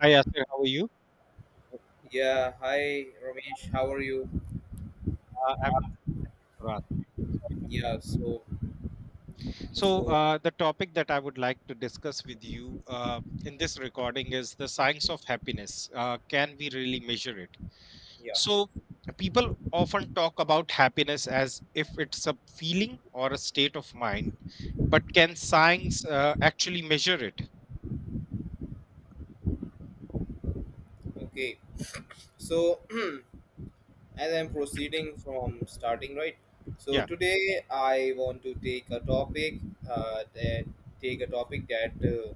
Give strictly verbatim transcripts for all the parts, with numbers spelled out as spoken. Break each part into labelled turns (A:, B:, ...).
A: Hi, Yasir. How are you?
B: Yeah, hi Ramesh, how are you?
A: Uh, I'm Faraz.
B: Yeah, so
A: So,
B: so
A: uh, the topic that I would like to discuss with you uh, in this recording is the science of happiness. Uh, can we really measure it?
B: yeah,
A: So, people often talk about happiness as if it's a feeling or a state of mind, but can science uh, actually measure it?
B: okay. So as I'm proceeding from starting, right? So
A: Yeah,
B: today I want to take a topic uh, that take a topic that uh,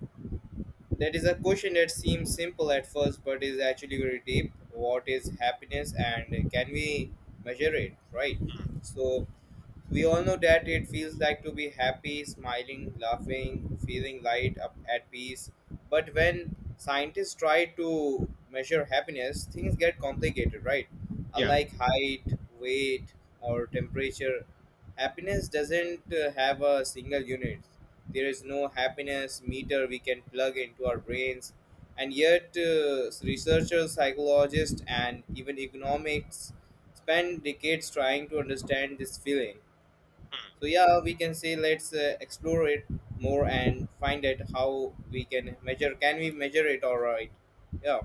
B: that is a question that seems simple at first, but is actually very deep. What is happiness, and can we measure it? Right. So we all know that it feels like to be happy, smiling, laughing, feeling light, up at peace. But when scientists try to measure happiness, things get complicated, right?
A: yeah.
B: Unlike height, weight, or temperature, happiness doesn't uh, have a single unit. There is no happiness meter we can plug into our brains. And yet, uh, researchers, psychologists, and even economists spend decades trying to understand this feeling.
A: Mm.
B: So yeah, we can say let's uh, explore it more and find out how we can measure. Can we measure it? All right. Yeah.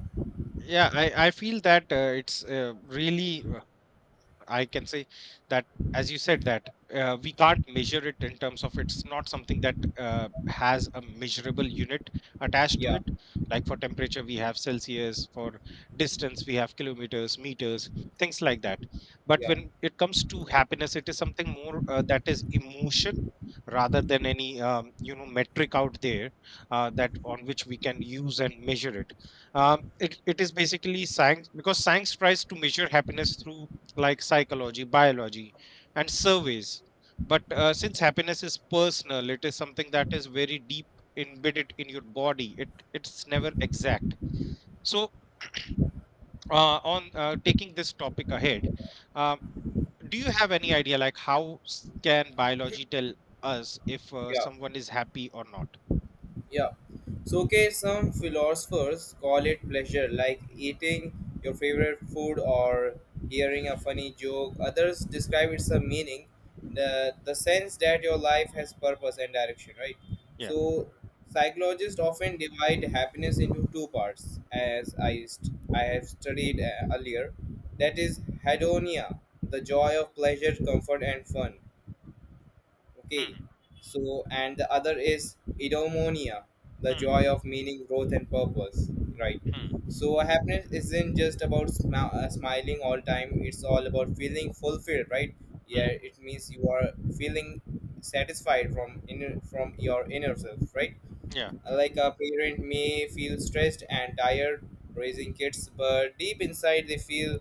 A: Yeah, I, I feel that uh, it's uh, really uh, I can say that, as you said, that uh, we can't measure it in terms of it's not something that uh, has a measurable unit attached to
B: Yeah.
A: it. Like for temperature, we have Celsius, for distance, we have kilometers, meters, things like that. But
B: Yeah.
A: when it comes to happiness, it is something more uh, that is emotion rather than any um, you know metric out there uh, that on which we can use and measure it um, it, it is basically science because science tries to measure happiness through like psychology, biology, and surveys. But uh, since happiness is personal, it is something that is very deep embedded in your body. It it's never exact. So uh, on uh, taking this topic ahead, uh, do you have any idea like how s- can biology tell us if uh,
B: Yeah.
A: someone is happy or not?
B: Yeah. So, okay, some philosophers call it pleasure, like eating your favorite food or hearing a funny joke. Others describe it a meaning, the, the sense that your life has purpose and direction, right?
A: Yeah.
B: So, psychologists often divide happiness into two parts, as I, st- I have studied uh, earlier. That is hedonia, the joy of pleasure, comfort, and fun. Okay,
A: Hmm,
B: so, and the other is eudaimonia, the
A: hmm, hmm,
B: joy of meaning, growth, and purpose. Right.
A: hmm. Hmm.
B: So happiness isn't just about smi- uh, smiling all time. It's all about feeling fulfilled. Right. Yeah,
A: Hmm.
B: it means you are feeling satisfied from inner from your inner self. Right.
A: Yeah.
B: Like a parent may feel stressed and tired raising kids, but deep inside they feel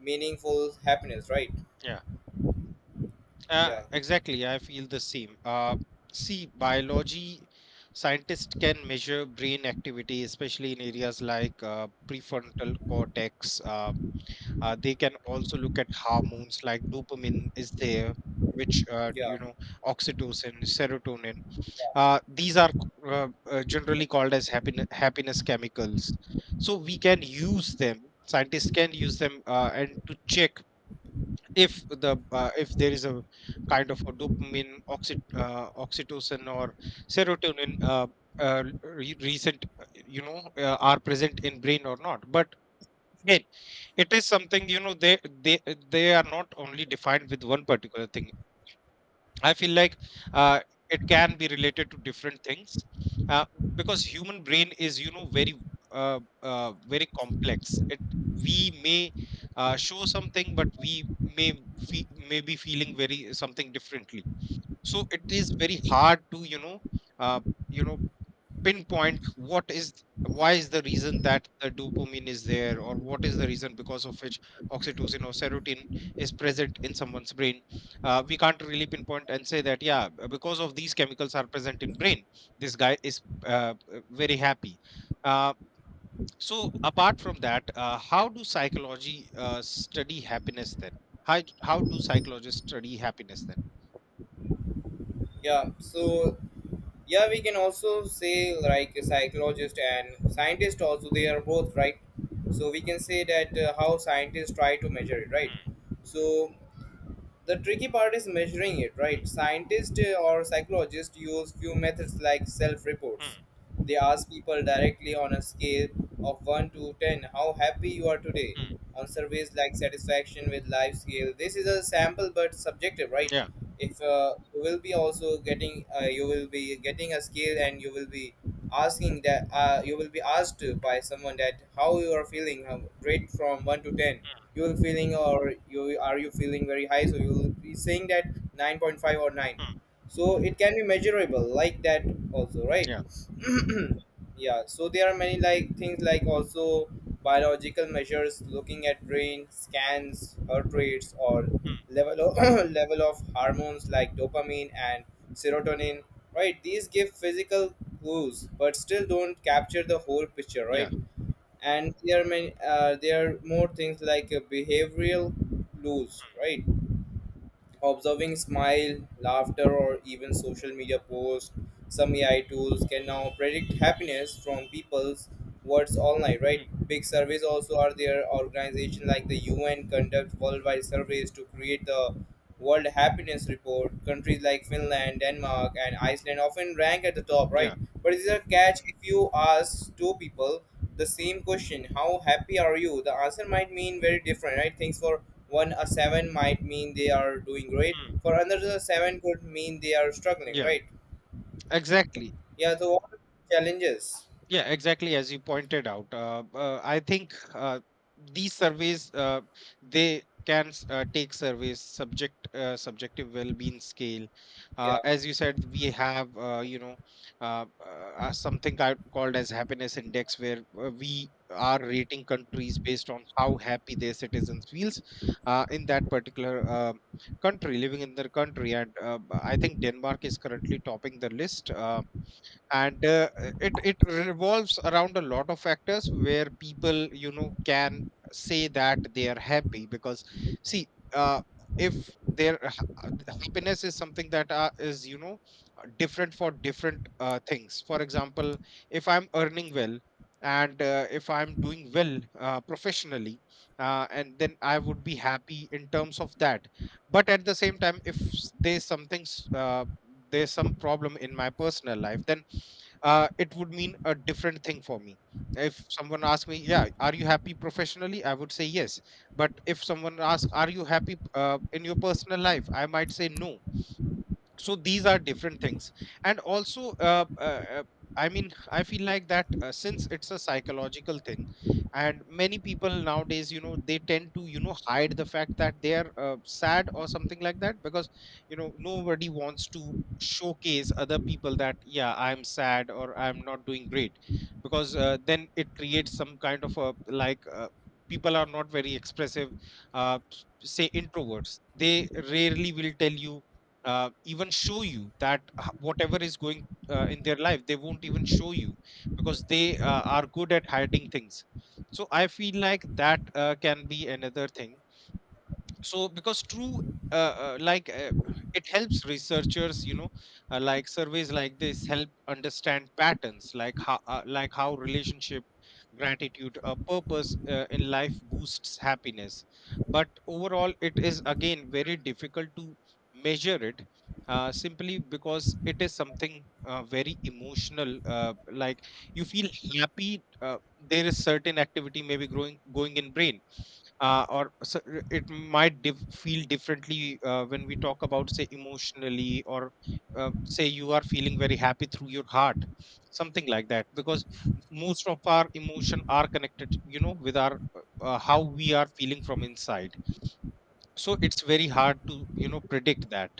B: meaningful happiness. Right.
A: Yeah, uh,
B: Yeah.
A: exactly. I feel the same. Uh, see, biology scientists can measure brain activity, especially in areas like uh, prefrontal cortex. Uh, uh, they can also look at hormones like dopamine is there, which uh,
B: Yeah.
A: you know, oxytocin, serotonin.
B: Yeah.
A: Uh, these are c- uh, uh, generally called as happiness happiness chemicals. So we can use them. Scientists can use them uh, and to check if the uh, if there is a kind of a dopamine oxy, uh, oxytocin or serotonin uh, uh, re- recent uh, you know uh, are present in brain or not, but again it is something, you know, they they they are not only defined with one particular thing. I feel like uh, it can be related to different things uh, because human brain is, you know, very uh, uh, very complex. It we may uh, show something, but we may fe- may be feeling very something differently. So it is very hard to, you know, uh, you know pinpoint what is, why is the reason that the dopamine is there, or what is the reason because of which oxytocin or serotonin is present in someone's brain. Uh, we can't really pinpoint and say that, yeah, b- because of these chemicals are present in brain this guy is uh, uh, very happy. Uh, so apart from that, uh, how do psychology uh, study happiness then how, how do psychologists study happiness then?
B: Yeah. So yeah, we can also say like a psychologist and scientist also, they are both right. So we can say that uh, how scientists try to measure it, right?
A: Hmm,
B: So the tricky part is measuring it,
A: hmm,
B: right? Scientists uh, or psychologists use few methods like self reports.
A: hmm,
B: They ask people directly on a scale of one to ten, how happy you are today.
A: hmm,
B: On surveys like satisfaction with life scale, this is a sample but subjective, right?
A: yeah, hmm,
B: If uh, you will be also getting uh, you will be getting a skill and you will be asking that uh, you will be asked to by someone that how you are feeling, how, rate from one to ten. You will feeling, or you are you feeling very high, so you will be saying that nine point five or nine. So it can be measurable like that also, right?
A: yeah,
B: Yeah, so there are many like things like also biological measures, looking at brain scans, heart rates, or level of level of hormones like dopamine and serotonin, right? These give physical clues but still don't capture the whole picture, right?
A: yeah.
B: And there are many, uh, there are more things like uh, behavioral clues, right? Observing smile, laughter, or even social media posts, some A I tools can now predict happiness from people's words online, right?
A: Hmm.
B: Big surveys also are there. Organizations like the U N conduct worldwide surveys to create the World Happiness Report. Countries like Finland, Denmark, and Iceland often rank at the top, right?
A: Yeah.
B: But it is a catch, if you ask two people the same question, how happy are you, the answer might mean very different, right, things. For one, a seven might mean they are doing great.
A: Mm.
B: For another, a seven could mean they are struggling,
A: Yeah,
B: right?
A: exactly.
B: Yeah, so what are the challenges?
A: Yeah, exactly. As you pointed out, uh, uh, I think uh, these surveys uh, they can s- uh, take surveys subject uh, subjective well-being scale. Uh,
B: Yeah.
A: as you said, we have uh, you know uh, uh, uh, something ca- called as happiness index, where uh, we are rating countries based on how happy their citizens feels uh, in that particular uh, country, living in their country. And uh, I think Denmark is currently topping the list. Uh, and uh, it it revolves around a lot of factors where people, you know, can say that they are happy because, see, uh, if their ha- happiness is something that uh, is, you know, uh, different for different uh, things. For example, if I'm earning well and uh, if I'm doing well uh, professionally, uh, and then I would be happy in terms of that, but at the same time if s- there's something s- uh, there's some problem in my personal life, then uh, it would mean a different thing for me. If someone asks me, yeah, are you happy professionally? I would say yes. But if someone asks, are you happy uh, in your personal life? I might say no. So these are different things. And also uh, uh, uh, I mean, I feel like that uh, since it's a psychological thing, and many people nowadays, you know, they tend to, you know, hide the fact that they're uh, sad or something like that, because, you know, nobody wants to showcase other people that, yeah, I'm sad or I'm not doing great, because uh, then it creates some kind of a like, uh, people are not very expressive. uh, Say introverts, they rarely will tell you, uh, even show you that, h- whatever is going uh, in their life, they won't even show you because they uh, are good at hiding things. So I feel like that uh, can be another thing. So because true, uh, uh, like uh, it helps researchers, you know, uh, like surveys like this help understand patterns like how uh, like how relationship, gratitude, uh, purpose uh, in life boosts happiness. But overall it is again very difficult to measure it, uh, simply because it is something uh, very emotional. Uh, like you feel happy, uh, there is certain activity maybe growing going in brain, uh, or so uh, it might diff feel differently uh, when we talk about, say, emotionally, or uh, say you are feeling very happy through your heart, something like that, because most of our emotion are connected, you know, with our uh, uh, how we are feeling from inside. So it's very hard to, you know, predict that.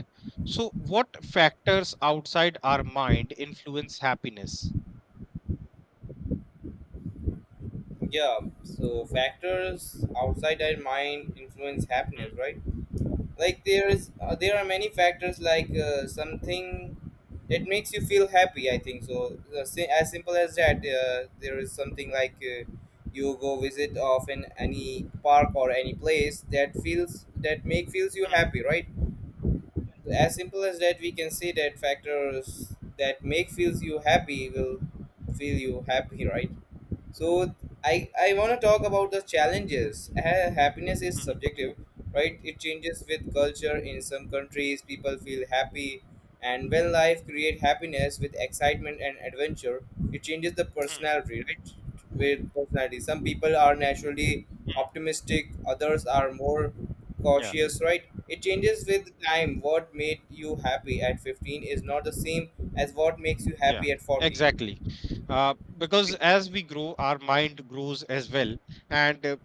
A: So what factors outside our mind influence happiness?
B: Yeah, so factors outside our mind influence happiness,
A: Mm,
B: right? Like there is, uh, there are many factors, like uh, something that makes you feel happy, I think so. Uh, si- as simple as that, uh, there is something like, uh, you go visit of an any park or any place that feels, that make feels you
A: mm,
B: happy, right? As simple as that, we can say that factors that make feels you happy will feel you happy right? So i i want to talk about the
A: mm,
B: challenges. Ha- happiness is
A: mm,
B: subjective, right? It changes with culture. In some countries people feel happy, and when life create happiness with excitement and adventure, it changes the personality, right? With personality, some people are naturally
A: mm,
B: optimistic, others are more
A: mm.
B: cautious, right? It changes with time. What made you happy at fifteen is not the same as what makes you
A: Yeah,
B: happy at forty.
A: exactly. Uh, because as we grow, our mind grows as well, and uh,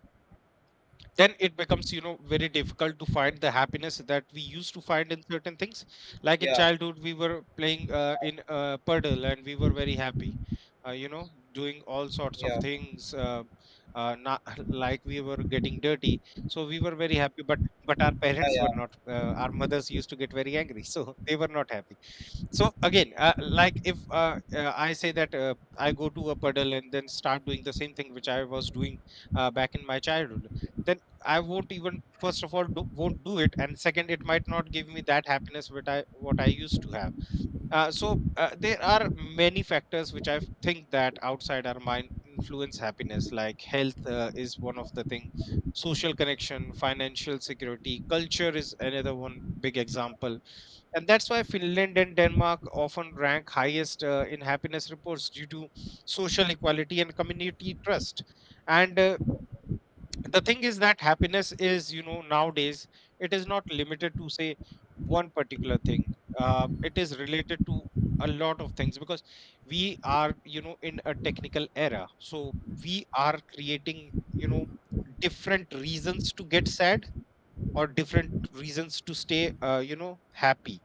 A: then it becomes, you know, very difficult to find the happiness that we used to find in certain things. Like in
B: Yeah.
A: childhood we were playing uh, in uh, puddle and we were very happy, uh, you know, doing all sorts of
B: Yeah.
A: things, uh, uh, not like we were getting dirty, so we were very happy, but but our
B: Yeah.
A: parents
B: Yeah.
A: were not, uh, our mothers used to get very angry so they were not happy. So again, uh, like if uh, uh, I say that uh, I go to a puddle and then start doing the same thing which I was doing uh, back in my childhood, then I won't even first of all do, won't do it, and second, it might not give me that happiness which I what I used to have. Uh, so uh, there are many factors which I think that outside our mind influence happiness, like health uh, is one of the thing, social connection, financial security, culture is another one big example, and that's why Finland and Denmark often rank highest uh, in happiness reports due to social equality and community trust. And uh, the thing is that happiness is, you know, nowadays, it is not limited to say one particular thing. Uh, it is related to a lot of things, because we are, you know, in a technical era, so we are creating, you know, different reasons to get sad or different reasons to stay, uh, you know, happy.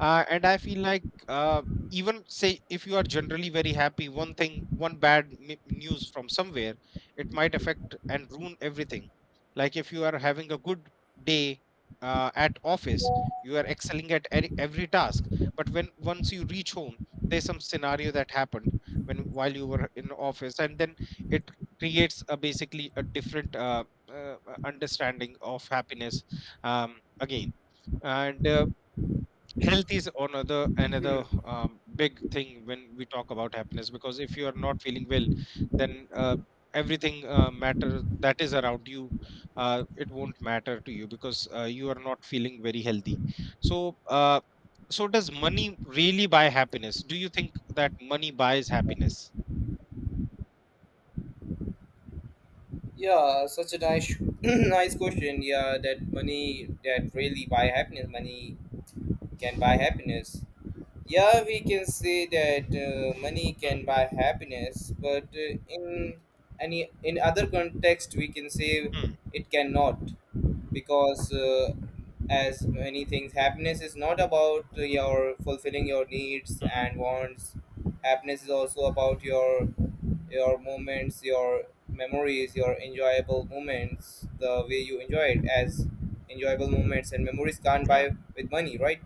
A: uh, And I feel like uh, even say if you are generally very happy, one thing, one bad m- news from somewhere, it might affect and ruin everything. Like if you are having a good day uh, at office, you are excelling at every, every task. But when once you reach home, there's some scenario that happened when while you were in office, and then it creates a basically a different uh, uh, uh, understanding of happiness um, again. And uh, health is another another um, big thing when we talk about happiness, because if you are not feeling well then uh, everything uh, matter that is around you, uh, it won't matter to you because uh, you are not feeling very healthy. So uh, so does money really buy happiness? Do you think that money buys happiness?
B: Yeah, such a nice, nice question. Yeah, that money that really buy happiness. Money can buy happiness. Yeah, we can say that uh, money
A: Mm,
B: can buy happiness, but uh, in any, in other context, we can say
A: mm,
B: it cannot, because uh, as many things, happiness is not about your fulfilling your needs
A: mm,
B: and wants. Happiness is also about your your moments, your memories, your enjoyable moments, the way you enjoy it as enjoyable moments, and memories can't
A: yeah,
B: buy with money, right?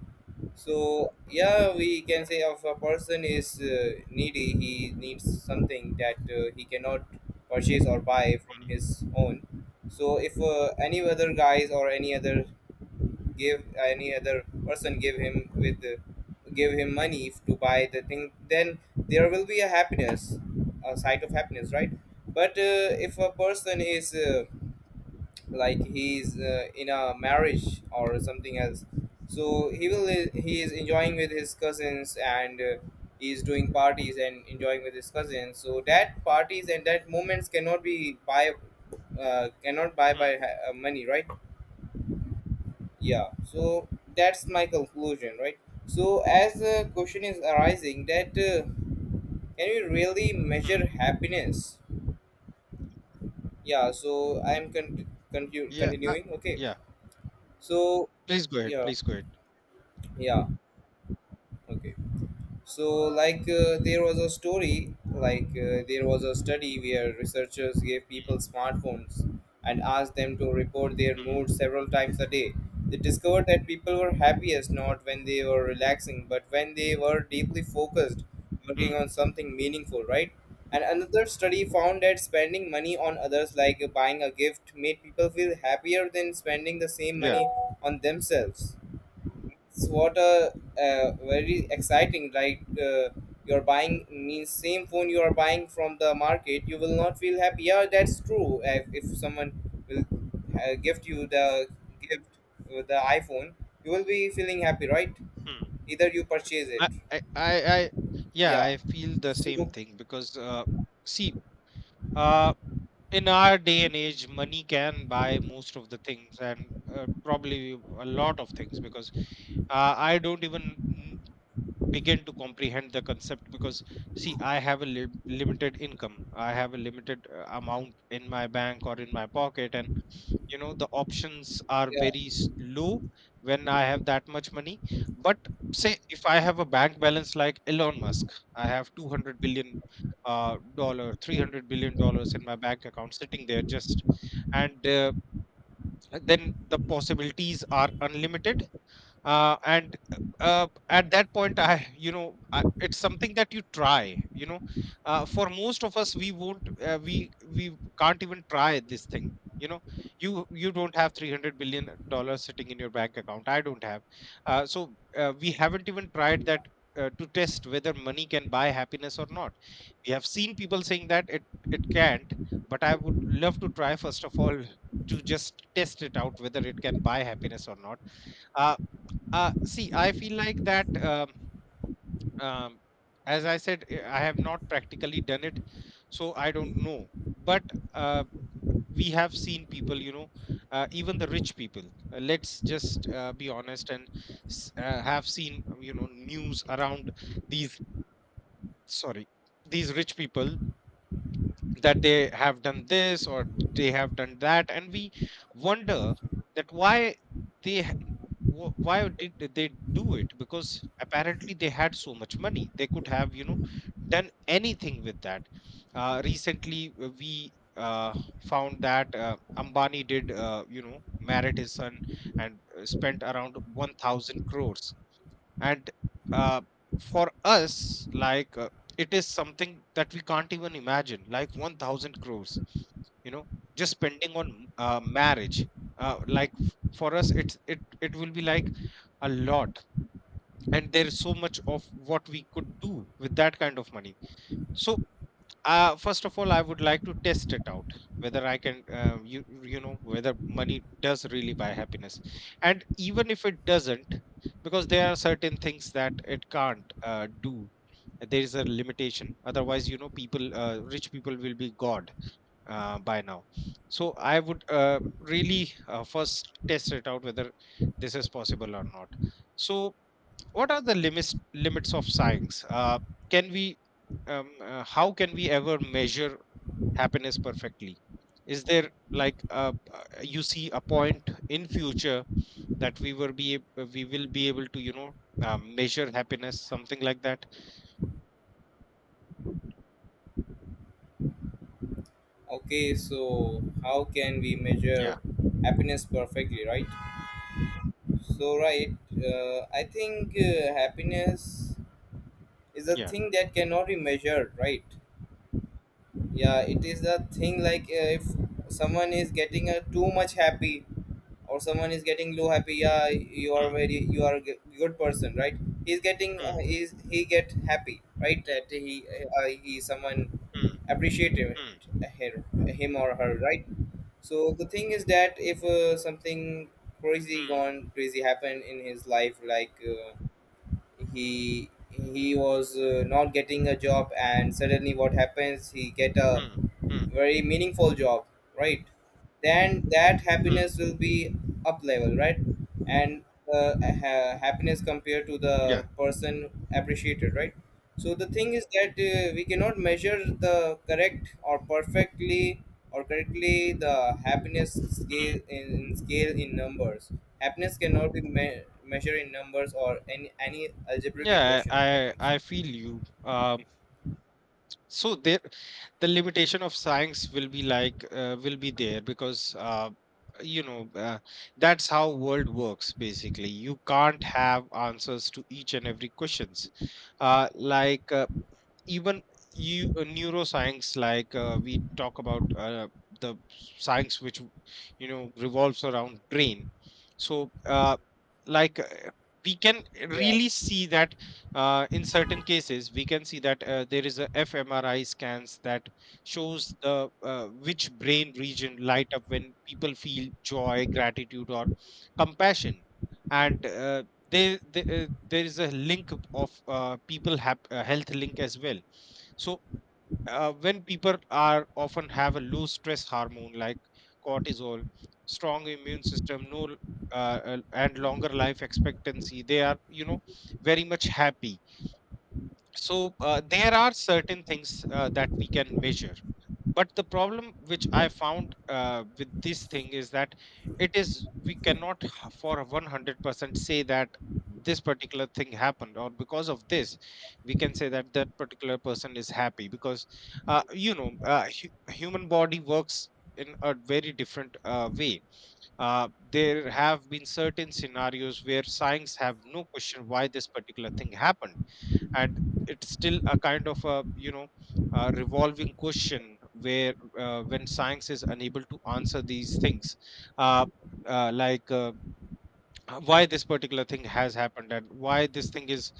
B: So yeah, we can say if a person is uh, needy, he needs something that uh, he cannot purchase or buy from
A: mm,
B: his own. So if uh, any other guys or any other gave any other person give him with give him money to buy the thing, then there will be a happiness, a sight of happiness, right? But uh, if a person is, uh, like he is uh, in a marriage or something else, so he will he is enjoying with his cousins, and uh, he is doing parties and enjoying with his cousins, so that parties and that moments cannot be buy, uh, cannot buy by
A: mm,
B: ha- uh, money, right? Yeah, so that's my conclusion, right? So as the question is arising that uh, can we really measure
A: mm.
B: happiness. Yeah, so I'm con- continu-
A: Yeah, I-
B: continuing, okay.
A: yeah,
B: So
A: please go ahead,
B: yeah.
A: please go ahead.
B: Yeah, okay. So like uh, there was a story like uh, there was a study where researchers gave
A: Mm,
B: people smartphones and asked them to report their mood several times a day. They discovered that people were happiest not when they were relaxing, but when they were deeply focused,
A: mm,
B: working
A: mm.
B: on something meaningful, right? And another study found that spending money on others, like uh, buying a gift, made people feel happier than spending the same
A: yeah
B: money on themselves. It's what a uh, very exciting, right? Uh, you're buying, means same phone you are buying from the market, you will not feel happy. Yeah, that's true. If, if someone will uh, gift you the gift, uh, the iPhone, you will be feeling happy, right? Either you purchase it.
A: I I I I yeah,
B: Yeah.
A: I feel the same
B: So
A: thing because uh, see, uh, in our day and age, money can buy most of the things, and uh, probably a lot of things, because uh, I don't even begin to comprehend the concept. Because see, I have a lim- limited income. I have a limited uh, amount in my bank or in my pocket, and you know the options are
B: yeah.
A: very s- low when I have that much money. But say if I have a bank balance like Elon Musk. I have two hundred billion uh, dollar three hundred billion dollars in my bank account sitting there just. And uh, then the possibilities are unlimited. Uh, and uh, At that point I you know I, it's something that you try, you know uh, for most of us. We won't uh, we we can't even try this thing, you know you you don't have three hundred billion dollars sitting in your bank account. I don't have. Uh, so uh, we haven't even tried that, uh, to test whether money can buy happiness or not. We have seen people saying that it it can't. But I would love to try first of all to just test it out whether it can buy happiness or not. Uh, uh, See, I feel like that, um, um, as I said, eh, I have not practically done it, so I don't know. But uh, we have seen people, you know, uh, even the rich people, uh, let's just uh, be honest, and s- uh, have seen, um, you know, news around these, sorry, these rich people, that they have done this or they have done that, and we wonder that why they ha- wh- why did they do it, because apparently they had so much money they could have, you know, done anything with that. Uh, recently uh, we uh, found that uh, Ambani did, uh, you know, married his son, and uh, spent around one thousand crores. And uh, for us, like, uh, it is something that we can't even imagine, like one thousand crores, you know, just spending on uh, marriage. Uh, like, f- for us, it's it it will be like a lot. And there's so much of what we could do with that kind of money. So uh, first of all, I would like to test it out whether I can, uh, you you know, whether money does really buy happiness. And even if it doesn't, because there are certain things that it can't uh, do. There is a limitation. Otherwise, you know, people, uh, rich people, will be god uh, by now. So I would uh, really uh, first test it out whether this is possible or not. So what are the limits limits of science? Uh, can we um, uh, how can we ever measure happiness perfectly? Is there, like, uh, uh, you see a point in future that we will be ab- uh, we will be able to, you know, um, measure happiness, something like that?
B: Okay. So how can we measure
A: yeah
B: happiness perfectly, right? So right. Uh, I think uh, happiness is a
A: yeah
B: thing that cannot be measured, right? Yeah, it is a thing like, uh, if someone is getting uh, too much happy, or someone is getting low happy. Yeah, you are
A: Hmm,
B: very you are a g- good person, right? He's getting, uh,
A: hmm,
B: he's, he get happy, right, that he, uh, he, someone
A: hmm,
B: appreciate him,
A: hmm,
B: her- him or her, right? So the thing is that if, uh, something crazy,
A: hmm,
B: gone crazy, happened in his life, like, uh, he he was, uh, not getting a job, and suddenly what happens, he get a
A: hmm, hmm,
B: very meaningful job, right? Then that
A: hmm.
B: happiness will be up level, right? And, uh, ha- happiness compared to
A: yeah
B: the person appreciated, right? So the thing is that uh, we cannot measure the correct, or perfectly, or correctly the happiness
A: Hmm.
B: scale in, in scale in numbers. Happiness cannot be me- measured in numbers or any any algebraic
A: yeah
B: equations, I
A: i
B: think so.
A: i I feel you. Uh, so there, the limitation of science will be, like, uh, will be there, because uh, you know, uh, that's how world works basically. You can't have answers to each and every questions. Uh, like, uh, even you, uh, neuroscience, like, uh, we talk about, uh, the science which, you know, revolves around brain. So, uh, like, uh, we can
B: Yeah.
A: really see that uh, in certain cases we can see that uh, there is a fMRI scans that shows the, uh, which brain region light up when people feel joy, gratitude, or compassion. And uh, there there, uh, there is a link of, uh, people have uh, health link as well. So uh, when people are often have a low stress hormone like cortisol, strong immune system, no l- uh, uh, and longer life expectancy, they are, you know, very much happy. So, uh, there are certain things uh, that we can measure, but the problem which I found uh, with this thing is that it is we cannot h- for one hundred percent say that this particular thing happened or because of this we can say that that particular person is happy, because uh, you know, uh, hu- human body works in a very different uh, way. uh, there have been certain scenarios where science have no question why this particular thing happened, and it's still a kind of a, you know, a revolving question where, uh, when science is unable to answer these things, uh, uh, like, uh, uh, why this particular thing has happened and why this thing is,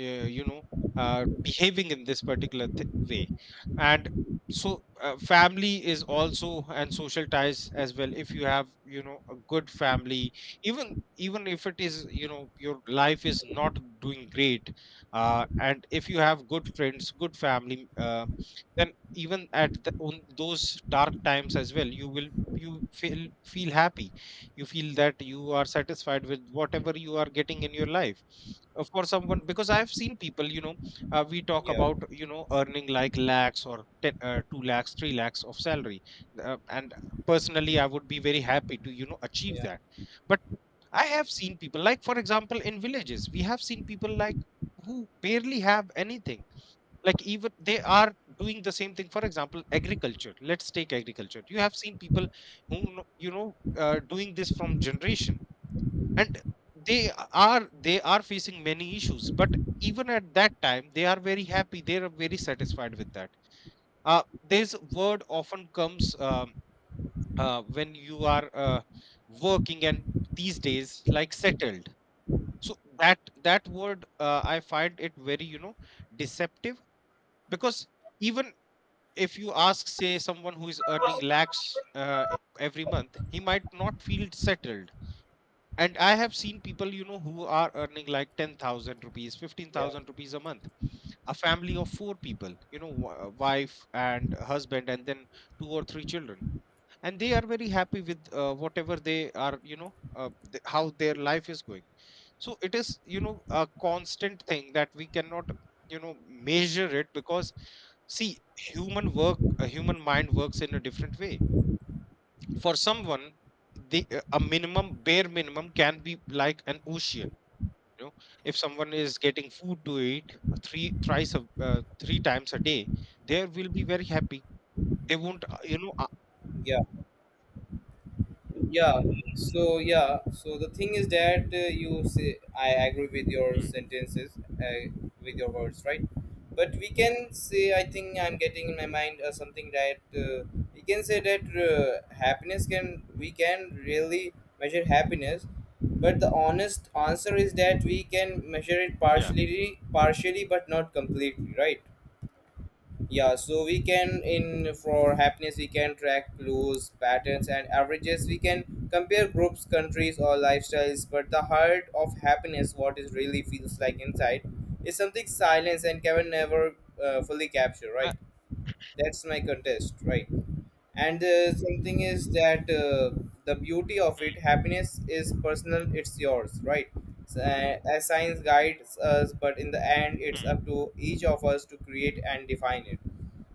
A: uh, you know, uh, behaving in this particular th- way. And so, uh, family is also, and social ties as well. If you have, you know, a good family, even even if it is, you know, your life is not doing great, uh, and if you have good friends, good family, uh, then even at the, on those dark times as well, you will you feel feel happy. You feel that you are satisfied with whatever you are getting in your life. Of course someone, because I have seen people, you know, uh, we talk
B: Yeah.
A: about, you know, earning like lakhs, or ten, uh, two lakhs, three lakhs of salary, uh, and personally I would be very happy to, you know, achieve
B: Yeah.
A: that. But I have seen people, like, for example, in villages, we have seen people like who barely have anything. Like, even they are doing the same thing, for example, agriculture. Let's take agriculture. You have seen people who, kno- you know, uh, doing this from generation. And they are they are facing many issues, but even at that time they are very happy. They are very satisfied with that. Uh, this word often comes, um, uh, when you are uh, working, and these days, like, settled. So that that word, uh, I find it very, you know, deceptive, because even if you ask, say, someone who is earning lakhs, uh, e- every month, he might not feel settled. And I have seen people, you know, who are earning like ten thousand rupees,
B: yeah
A: fifteen thousand rupees a month, a family of four people, you know, w- uh, wife and husband, and then two or three children, and they are very happy with uh, whatever they are, you know, uh, th- how their life is going. So it is, you know, a constant thing that we cannot, you know, measure it, because see, human work a human mind works in a different way. For someone, the, uh, a minimum, bare minimum, can be like an ocean, you know. If someone is getting food to eat, uh, three thrice a, uh, three times a day, they will be very happy. They won't, uh, you know, uh,
B: yeah yeah so yeah, so the thing is that uh, you say, I agree with your
A: mm,
B: sentences uh, with your words, right? But we can say, I think I'm getting in my mind uh, something that, uh, we can say that uh, happiness can we can really measure happiness. But the honest answer is that we can measure it
A: yeah
B: partially partially, but not completely, right? Yeah, so we can in for happiness, we can track clues, patterns, and averages. We can compare groups, countries, or lifestyles, but the heart of happiness, what it really feels like inside, is something
A: mm,
B: silence, and can never uh, fully capture,
A: uh,
B: right? That's my contest, right? And, uh, something is that, uh, the beauty of it,
A: mm,
B: happiness is personal, it's yours, right? So, uh, as science guides us, but in the end, it's
A: mm,
B: up to each of us to create and define it.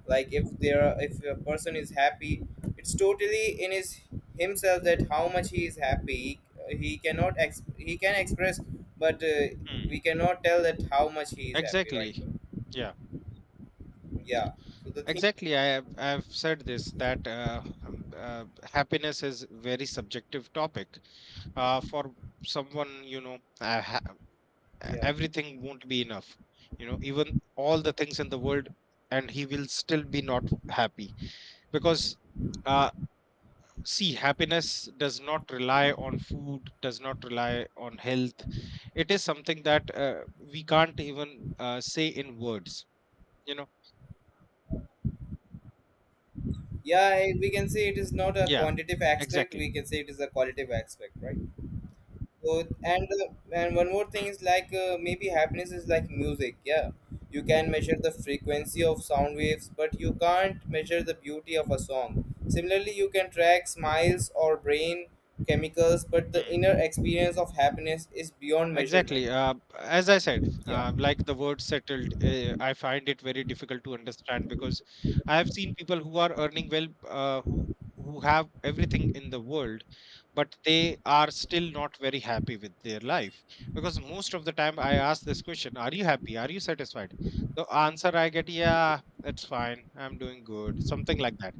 B: Like if there are, if a person is happy, it's totally in his himself, that how much he is happy. He cannot ex- he can express, but uh, we
A: mm.
B: cannot tell that how much he is happy, right?
A: Exactly. Yeah
B: Yeah, so the thing.
A: exactly. i have I've said this, that uh, um, uh, happiness is very subjective topic. Uh, for someone, you know, uh, e-
B: Yeah.
A: everything won't be enough, you know. Even all the things in the world, and he will still be not happy, because uh see, happiness does not rely on food, does not rely on health. It is something that, uh, we can't even, uh, say in words, you know.
B: Yeah, I- we can say it is not a
A: Yeah
B: quantitative aspect,
A: exactly.
B: we can say it is a qualitative aspect, right? So, and uh, and one more thing is like, uh, maybe happiness is like music. Yeah, you can measure the frequency of sound waves, but you can't measure the beauty of a song. Similarly, you can track smiles or brain chemicals, but the inner experience of happiness is beyond measurement.
A: Exactly. Uh, as I said,
B: Yeah.
A: uh, like, the word settled, uh, I find it very difficult to understand, because I have seen people who are earning well, uh, who, who have everything in the world, but they are still not very happy with their life. Because most of the time I ask this question, "Are you happy? Are you satisfied?" The answer I get, "Yeah, it's fine. I'm doing good." Something like that.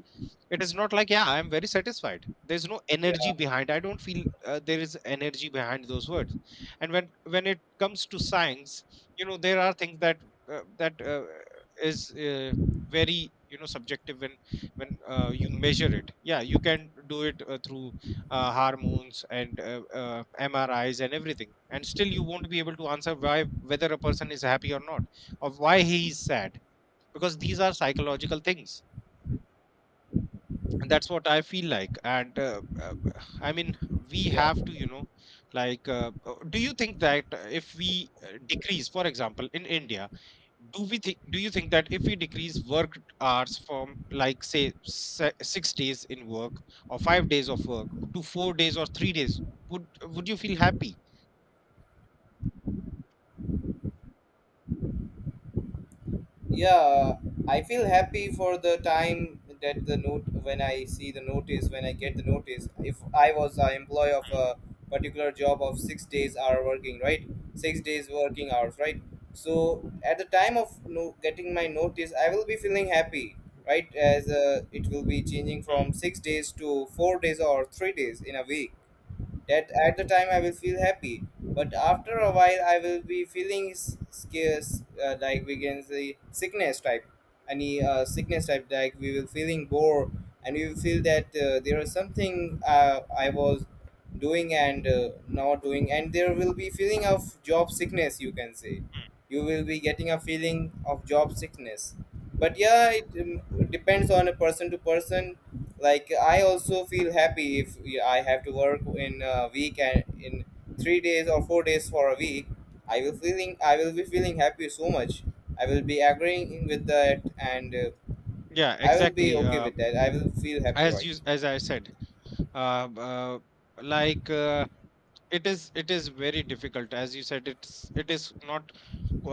A: It is not like, "Yeah, I am very satisfied." There's no energy
B: Yeah.
A: behind. I don't feel uh, there is energy behind those words. And when when it comes to science, you know, there are things that uh, that uh, is uh, very, you know, subjective. When when uh, you measure it, yeah, you can do it uh, through uh, hormones and uh, uh, MRIs and everything, and still you won't be able to answer why, whether a person is happy or not, or why he is sad, because these are psychological things. And that's what I feel like. And, uh, uh, I mean, we
B: Yeah.
A: have to, you know, like, uh, uh, do you think that uh, if we uh, decrease, for example, in India, do we think do you think that if we decrease work hours from, like, say, se- six days in work, or five days of work, to four days or three days, would would you feel happy?
B: Yeah, I feel happy for the time that the note when i see the notice when I get the notice, if I was an employee of a particular job of six days hour working, right, six days working hours, right. So at the
A: Mm,
B: time of, no, getting my notice, I will be feeling happy, right, as uh, it will be changing
A: mm,
B: from six days to four days or three days in a week. That at the time I will feel happy, but after a while I will be feeling s- scarce, uh, like we can say sickness type, any uh, sickness type, like we will feeling bored. And we will feel that uh, there is something, uh, I was doing and uh, not doing, and there will be feeling of job sickness, you can say.
A: mm.
B: You will be getting a feeling of job sickness. But yeah, it um, depends on a person to person. Like I also feel happy if I have to work in a week, and in three days or four days for a week, i will feeling I will be feeling happy so much, I will be agreeing with that. And uh,
A: yeah
B: I will be
A: exactly.
B: okay
A: Uh,
B: with that, I will feel happy,
A: as
B: right?
A: you as I said, uh, uh, like, uh, it is, it is very difficult. As you said, it's it is not,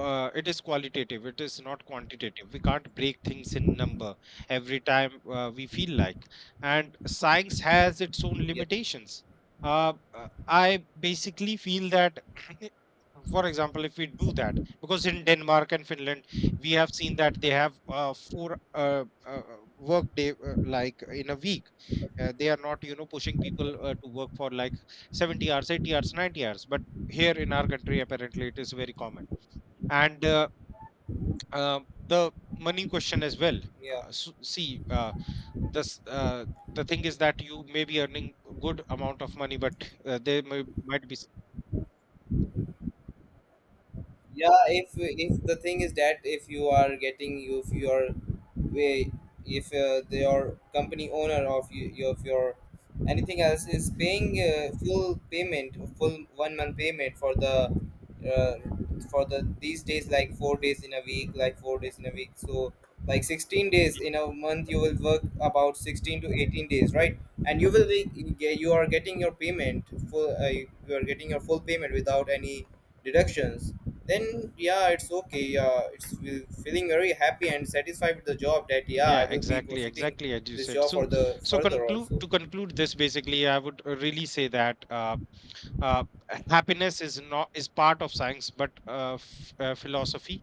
A: uh, it is qualitative, it is not quantitative. We can't break things in number every time uh, we feel like. And science has its own
B: Yeah.
A: limitations. uh, uh, I basically feel that for example, if we do that, because in Denmark and Finland we have seen that they have uh, four uh, uh, work day, uh, like, in a week. Uh, they are not, you know, pushing people uh, to work for like seventy hours, eighty hours, ninety hours, but here in our country apparently it is very common. And, uh, uh, the money question as well.
B: Yeah.
A: Uh, so, see, uh, this uh, the thing is that you may be earning a good amount of money, but, uh, there may, might be s-
B: Yeah, if if the thing is that, if you are getting you, if you are way, if uh, your company owner of you of your anything else is paying uh, full payment full one month payment for the uh, for the these days, like four days in a week, like four days in a week. So like sixteen days in a month, you will work about sixteen to eighteen days, right? And you will be you are getting your payment full uh, you are getting your full payment without any deductions. Then yeah, it's okay, yeah, it's with- feeling very happy and satisfied with the job, that yeah, I
A: yeah
B: will be
A: exactly
B: proceeding
A: exactly, as you
B: this
A: said.
B: job for
A: So,
B: the
A: so
B: further
A: conclude,
B: also.
A: to conclude this, basically I would uh, really say that, uh, uh, happiness is not is part of science, but uh, f- uh, philosophy.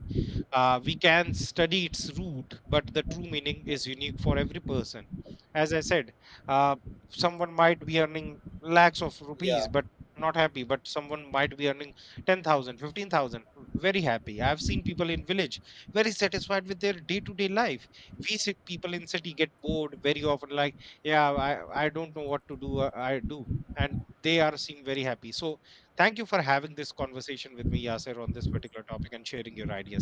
A: uh, We can study its root, but the true meaning is unique for every person. As I said, uh, someone might be earning lakhs of rupees, but
B: Yeah.
A: not happy. But someone might be earning ten thousand, fifteen thousand, very happy. I've seen people in village, very satisfied with their day to day life. We sit, people in city get bored very often, like, yeah, i i don't know what to do, uh, I do. And they are seem very happy. So thank you for having this conversation with me, Yasser, on this particular topic and sharing your ideas.